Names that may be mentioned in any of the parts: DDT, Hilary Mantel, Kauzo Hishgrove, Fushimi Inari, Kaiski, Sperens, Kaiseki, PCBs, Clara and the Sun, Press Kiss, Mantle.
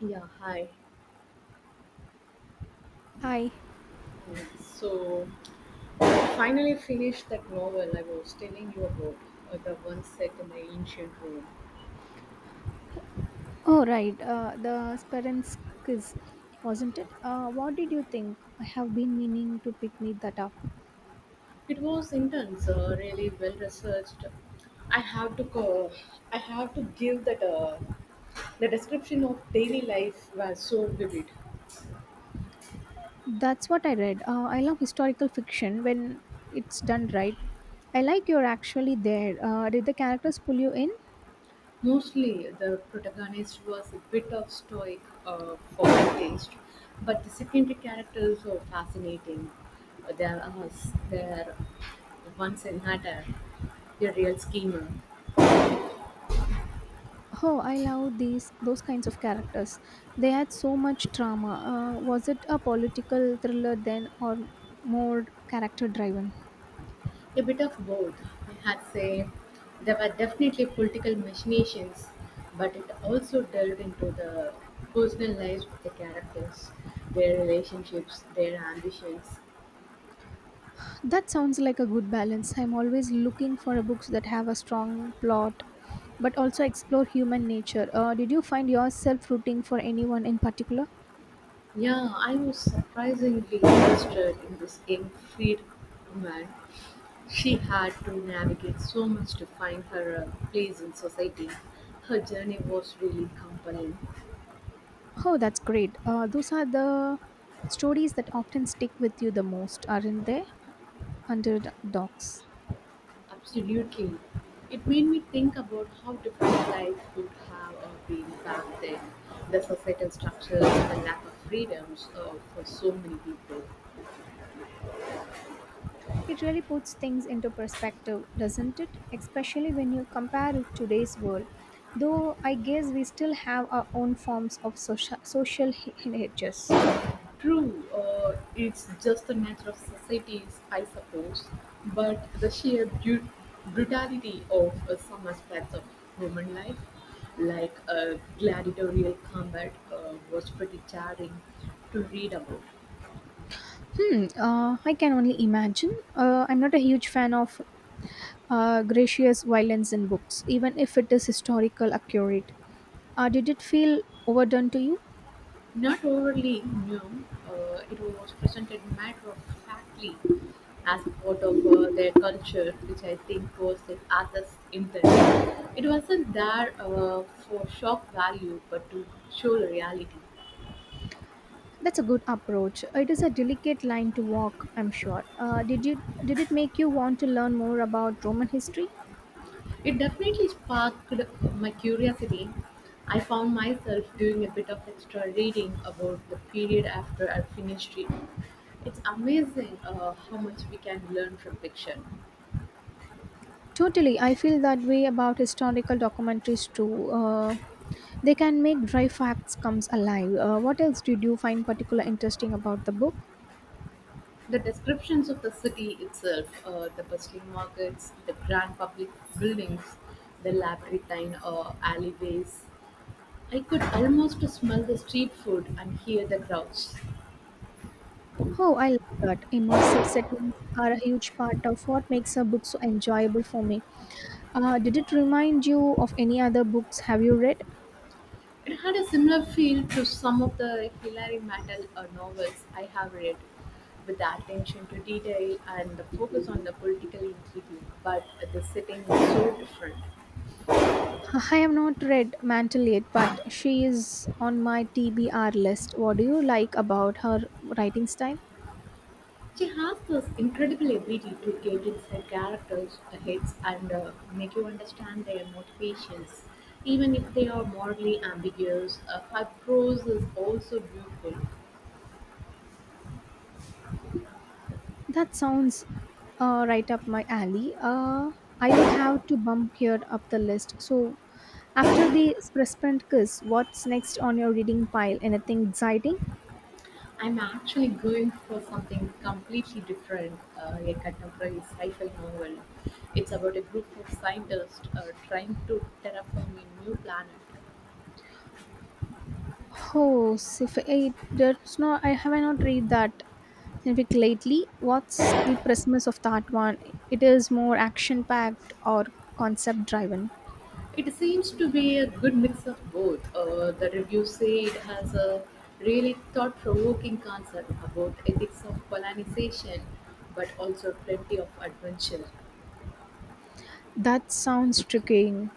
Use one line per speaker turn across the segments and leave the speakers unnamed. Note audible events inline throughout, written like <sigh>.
Yeah, hi.
Hi.
Yeah. So, I finally finished that novel I was telling you about, the one set in the ancient Rome.
Oh, right. The Sperens quiz, wasn't it? What did you think? I have been meaning to pick me that up.
It was intense, really well researched. I have to co- I have to give that the description of daily life was so vivid.
That's what I read. I love historical fiction when it's done right. I like you're actually there. Did the characters pull you in?
Mostly, the protagonist was a bit of stoic for my taste, but the secondary characters are fascinating. There are there Once in Hatter, a real schemer,
Oh, I love these those kinds of characters. They had so much drama. Was it a political thriller then, or more character driven?
a bit of both. I had say there were definitely political machinations, but it also delved into the personal lives of the characters, their relationships, their ambitions.
That sounds like a good balance. I'm always looking for a books that have a strong plot but also explore human nature. Did you find yourself rooting for anyone in particular?
Yeah, I was surprisingly interested in this young freed woman. She had to navigate so much to find her place in society. Her journey was really compelling.
Oh, that's great. Those are the stories that often stick with you the most, aren't they? Underdogs.
Absolutely. It made me think about how different life could have been back then. The societal structures, the lack of freedoms for so many people.
It really puts things into perspective, doesn't it? Especially when you compare it to today's world. Though I guess we still have our own forms of social hedges.
True, it's just the nature of societies, I suppose, but brutality of some aspects of human life, like gladiatorial combat, was pretty jarring to read about.
Hmm. I can only imagine. I'm not a huge fan of gracious violence in books, even if it is historical accurate. Did it feel overdone to you?
Not overly new, it was presented matter of factly as part of their culture, which I think was the author's intent. It wasn't there for shock value, but to show the reality.
That's a good approach. It is a delicate line to walk, I'm sure. Did you did it make you want to learn more about Roman history?
It definitely sparked my curiosity. I found myself doing a bit of extra reading about the period after I finished it. It's amazing how much we can learn from fiction.
Totally, I feel that way about historical documentaries too. They can make dry facts comes alive. What else did you find particular interesting about the book?
The descriptions of the city itself, the bustling markets, the grand public buildings, the labyrinthine alleyways, I could almost smell the street food and hear the crowds.
Oh, I love that. Immersive settings are a huge part of what makes a book so enjoyable for me. Did it remind you of any other books have you read?
It had a similar feel to some of the Hilary Mantel novels I have read, with the attention to detail and the focus on the political intrigue, but the setting was so different.
<laughs> I have not read Mantle yet, but she is on my TBR list. What do you like about her writing style?
She has this incredible ability to get inside characters' heads and make you understand their motivations, even if they are morally ambiguous. Her prose is also beautiful.
That sounds right up my alley. I will have to bump here up the list. So, after the Press Kiss, what's next on your reading pile? Anything exciting?
I'm actually going for something completely different, a contemporary sci-fi novel. It's about a group of scientists trying to terraform a new planet.
Oh, sci-fi. I, there's no, I have not read that scientific lately. What's the premise of that one? It is more action-packed or concept-driven.
It seems to be a good mix of both. The reviews say it has a really thought provoking concept about ethics of colonization, but also plenty of adventure.
That sounds tricky.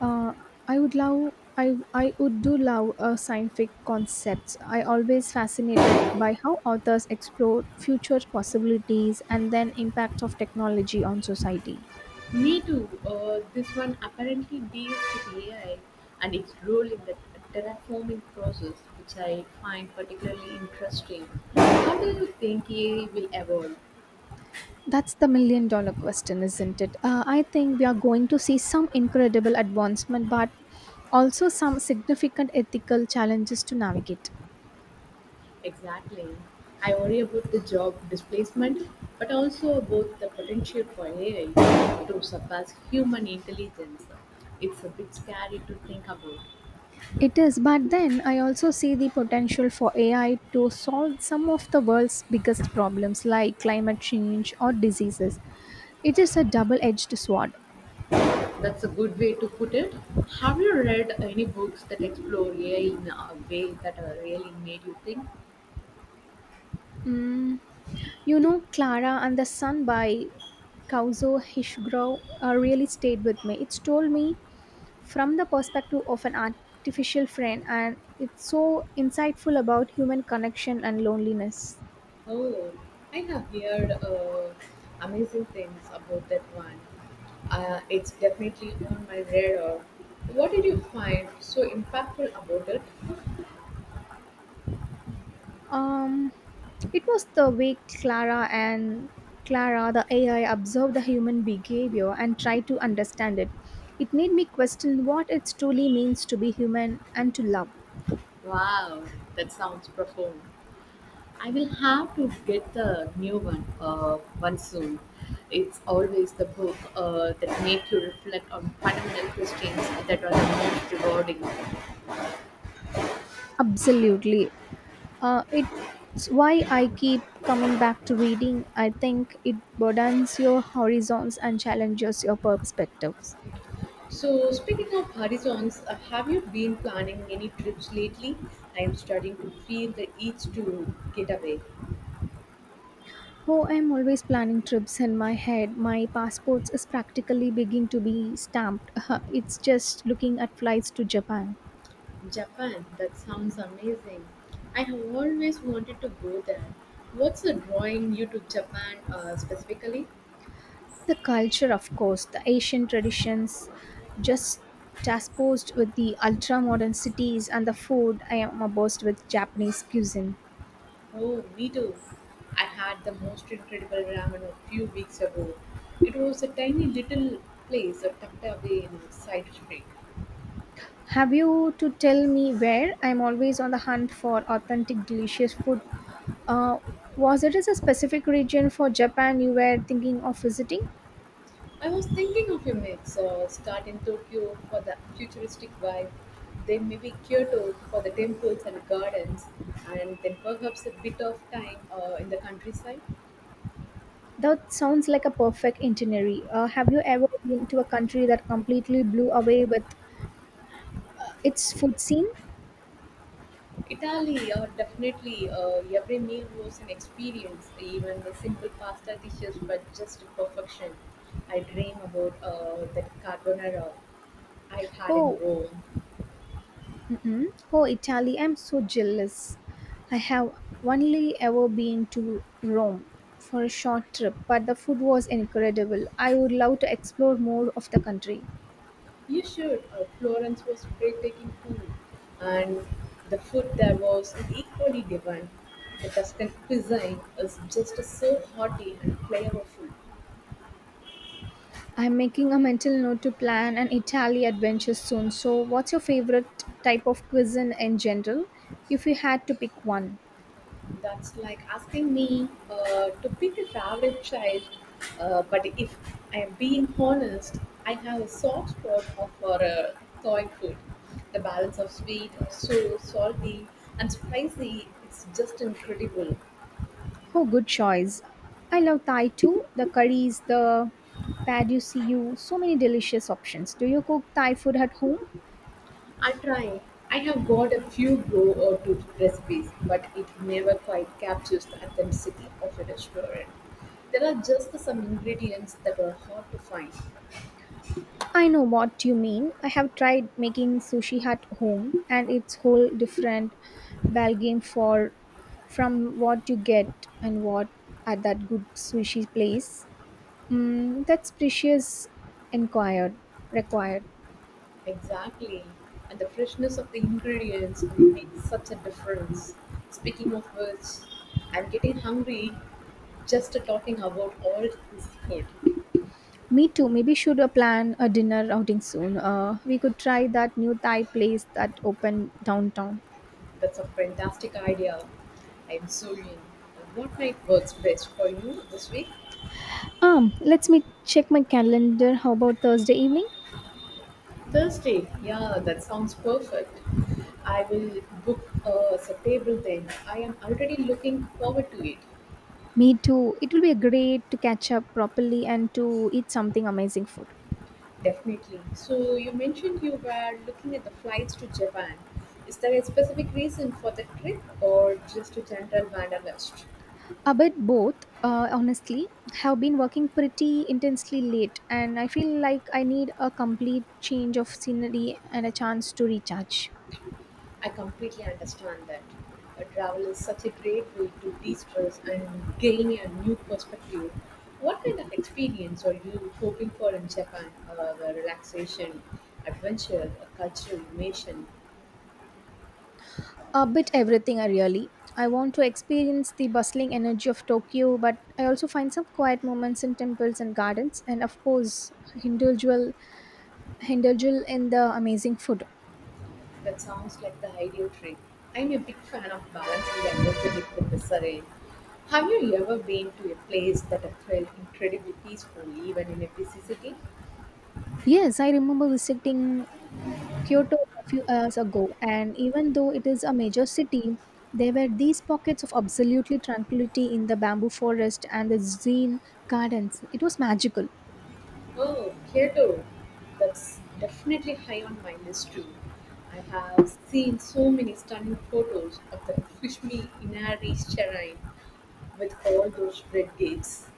Uh, I would do love scientific concepts. I always fascinated by how authors explore future possibilities and then impact of technology on society.
Me too. This one apparently deals with AI and its role in the terraforming process, which I find particularly interesting. How do you think AI will evolve?
That's the million dollar question, isn't it? I think we are going to see some incredible advancement, but also some significant ethical challenges to navigate.
Exactly. I worry about the job displacement, but also about the potential for AI to surpass human intelligence. It's a bit scary to think about.
It is, but then I also see the potential for AI to solve some of the world's biggest problems like climate change or diseases. It is a double edged sword.
That's a good way to put it. Have you read any books that explore AI in a way that really made you think?
Mm, you know, Clara and the Sun by Kauzo Hishgrove really stayed with me. It told me from the perspective of an artificial friend, and it's so insightful about human connection and loneliness.
Oh, I have heard amazing things about that one. It's definitely on my radar. What did you find so impactful about it?
Um, it was the way Clara the AI observed the human behavior and tried to understand it. It made me question what it truly means to be human and to love.
Wow, that sounds profound. I will have to get the new one one soon. It's always the book that makes you reflect on fundamental questions that are the most rewarding.
Absolutely. It's why I keep coming back to reading. I think it broadens your horizons and challenges your perspectives.
So, speaking of horizons, have you been planning any trips lately? I am starting to feel the itch to get away.
Oh, I'm always planning trips in my head. My passport is practically beginning to be stamped. <laughs> It's just looking at flights to Japan.
Japan, that sounds amazing. I have always wanted to go there. What's drawing you to Japan specifically?
The culture, of course, the Asian traditions, just transposed with the ultra modern cities and the food. I am obsessed with Japanese cuisine.
Oh, me too. I had the most incredible ramen a few weeks ago. It was a tiny little place tucked away in a side street.
Have you to tell me where? I'm always on the hunt for authentic, delicious food. Uh, was it a specific region for Japan you were thinking of visiting?
I was thinking of a mix, start in Tokyo for the futuristic vibe, then maybe Kyoto for the temples and gardens, and then perhaps a bit of time in the countryside.
That sounds like a perfect itinerary. Have you ever been to a country that completely blew away with its food scene?
Italy, definitely. Every meal was an experience. Even the simple pasta dishes were just perfection. I dream about that carbonara I had in
Oh,
Rome.
mm-mm. Oh, Italy! I'm so jealous. I have only ever been to Rome for a short trip, but the food was incredible. I would love to explore more of the country.
You should. Florence was breathtaking too, and the food there was equally divine. The Tuscan cuisine is just so hearty and flavorful.
I'm making a mental note to plan an Italy adventure soon. So, what's your favorite type of cuisine in general, if you had to pick one?
That's like asking me to pick a favorite child, but if I am being honest, I have a soft spot for Thai food. The balance of sweet, sour, salty, and spicy is just incredible.
Oh, good choice. I love Thai too. The curries, the pad you see you, so many delicious options. Do you cook Thai food at home?
I try. I have got a few go or two recipes, but it never quite captures the authenticity of a restaurant. There are just some ingredients that are hard to find.
I know what you mean. I have tried making sushi at home and it's whole different ballgame for from what you get and what at that good sushi place. Mm, that's precious inquired required.
Exactly. And the freshness of the ingredients makes such a difference. Speaking of which, I'm getting hungry just talking about all this food.
Me too. Maybe should plan a dinner outing soon. We could try that new Thai place that opened downtown.
That's a fantastic idea. I'm so in. What night works best for you this week?
Let's me check my calendar. How about Thursday evening?
Thursday. Yeah, that sounds perfect. I will book a table then. I am already looking forward to it.
Me too. It will be great to catch up properly and to eat something amazing food.
Definitely. So you mentioned you were looking at the flights to Japan. Is there a specific reason for the trip or just a general wanderlust?
A bit both, honestly, have been working pretty intensely late, and I feel like I need a complete change of scenery and a chance to recharge.
I completely understand that. Travel is such a great way to de-stress and gain a new perspective. What kind of experience are you hoping for in Japan? The relaxation, adventure, a cultural immersion?
A bit everything, I really. I want to experience the bustling energy of Tokyo, but I also find some quiet moments in temples and gardens, and of course, indulgence indulgence in the amazing food.
That sounds like the ideal trip. I'm a big fan of balancing the energetic with the serene. Have you ever been to a place that felt incredibly peaceful even in a busy city?
Yes, I remember visiting Kyoto a few years ago, and even though it is a major city, there were these pockets of absolutely tranquility in the bamboo forest and the zen gardens. It was magical.
Oh, Kyoto. That's definitely high on my list too. I have seen so many stunning photos of the Fushimi Inari shrine with all those red gates.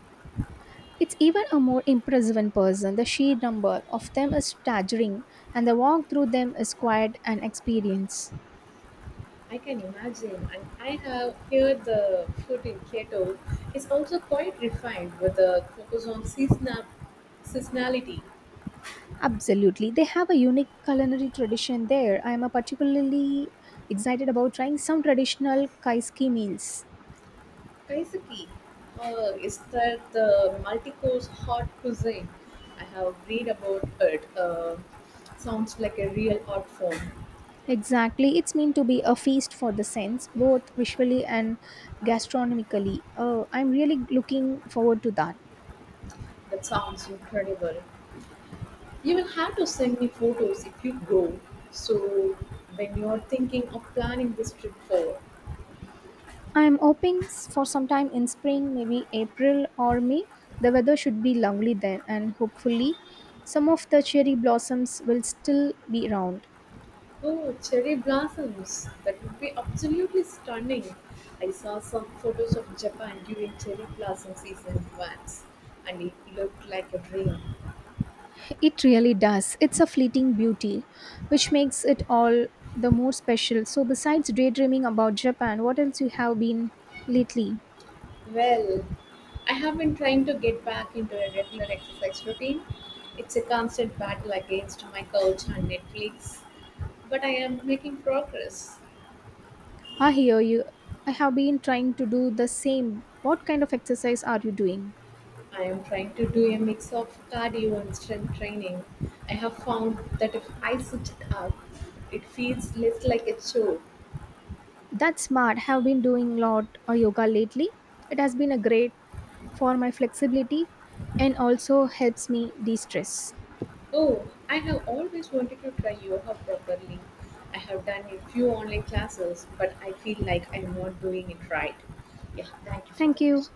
It's even a more impressive in person. The sheer number of them is staggering, and the walk through them is quite an experience.
I can imagine, and I have heard the food in Kyoto is also quite refined with a focus on seasonality.
Absolutely. They have a unique culinary tradition there. I am a particularly excited about trying some traditional Kaiski meals.
Kaiseki is that the multi-course hot cuisine I have read about it. Sounds like a real art form.
Exactly. It's meant to be a feast for the sense, both visually and gastronomically. I'm really looking forward to that.
That sounds incredible. You will have to send me photos if you go. So when you are thinking of planning this trip forward.
For sometime in spring, maybe April or May. The weather should be lovely then, and hopefully, some of the cherry blossoms will still be around.
Oh, cherry blossoms. That would be absolutely stunning. I saw some photos of Japan during cherry blossom season once, and it looked like a dream.
It really does. It's a fleeting beauty, which makes it all the more special. So, besides daydreaming about Japan, what else you have been lately?
Well, I have been trying to get back into a regular exercise routine. It's a constant battle against my couch and Netflix, but I am making progress.
I hear you. I have been trying to do the same. What kind of exercise are you doing?
I am trying to do a mix of cardio and strength training. I have found that if I switch it up, it feels less like a chore.
That's smart. Have been doing a lot of yoga lately. It has been a great for my flexibility and also helps me de-stress.
Oh, I have always wanted to try yoga properly. I have done a few online classes, but I feel like I'm not doing it right. Yeah, thank you for the
Thank you.
question.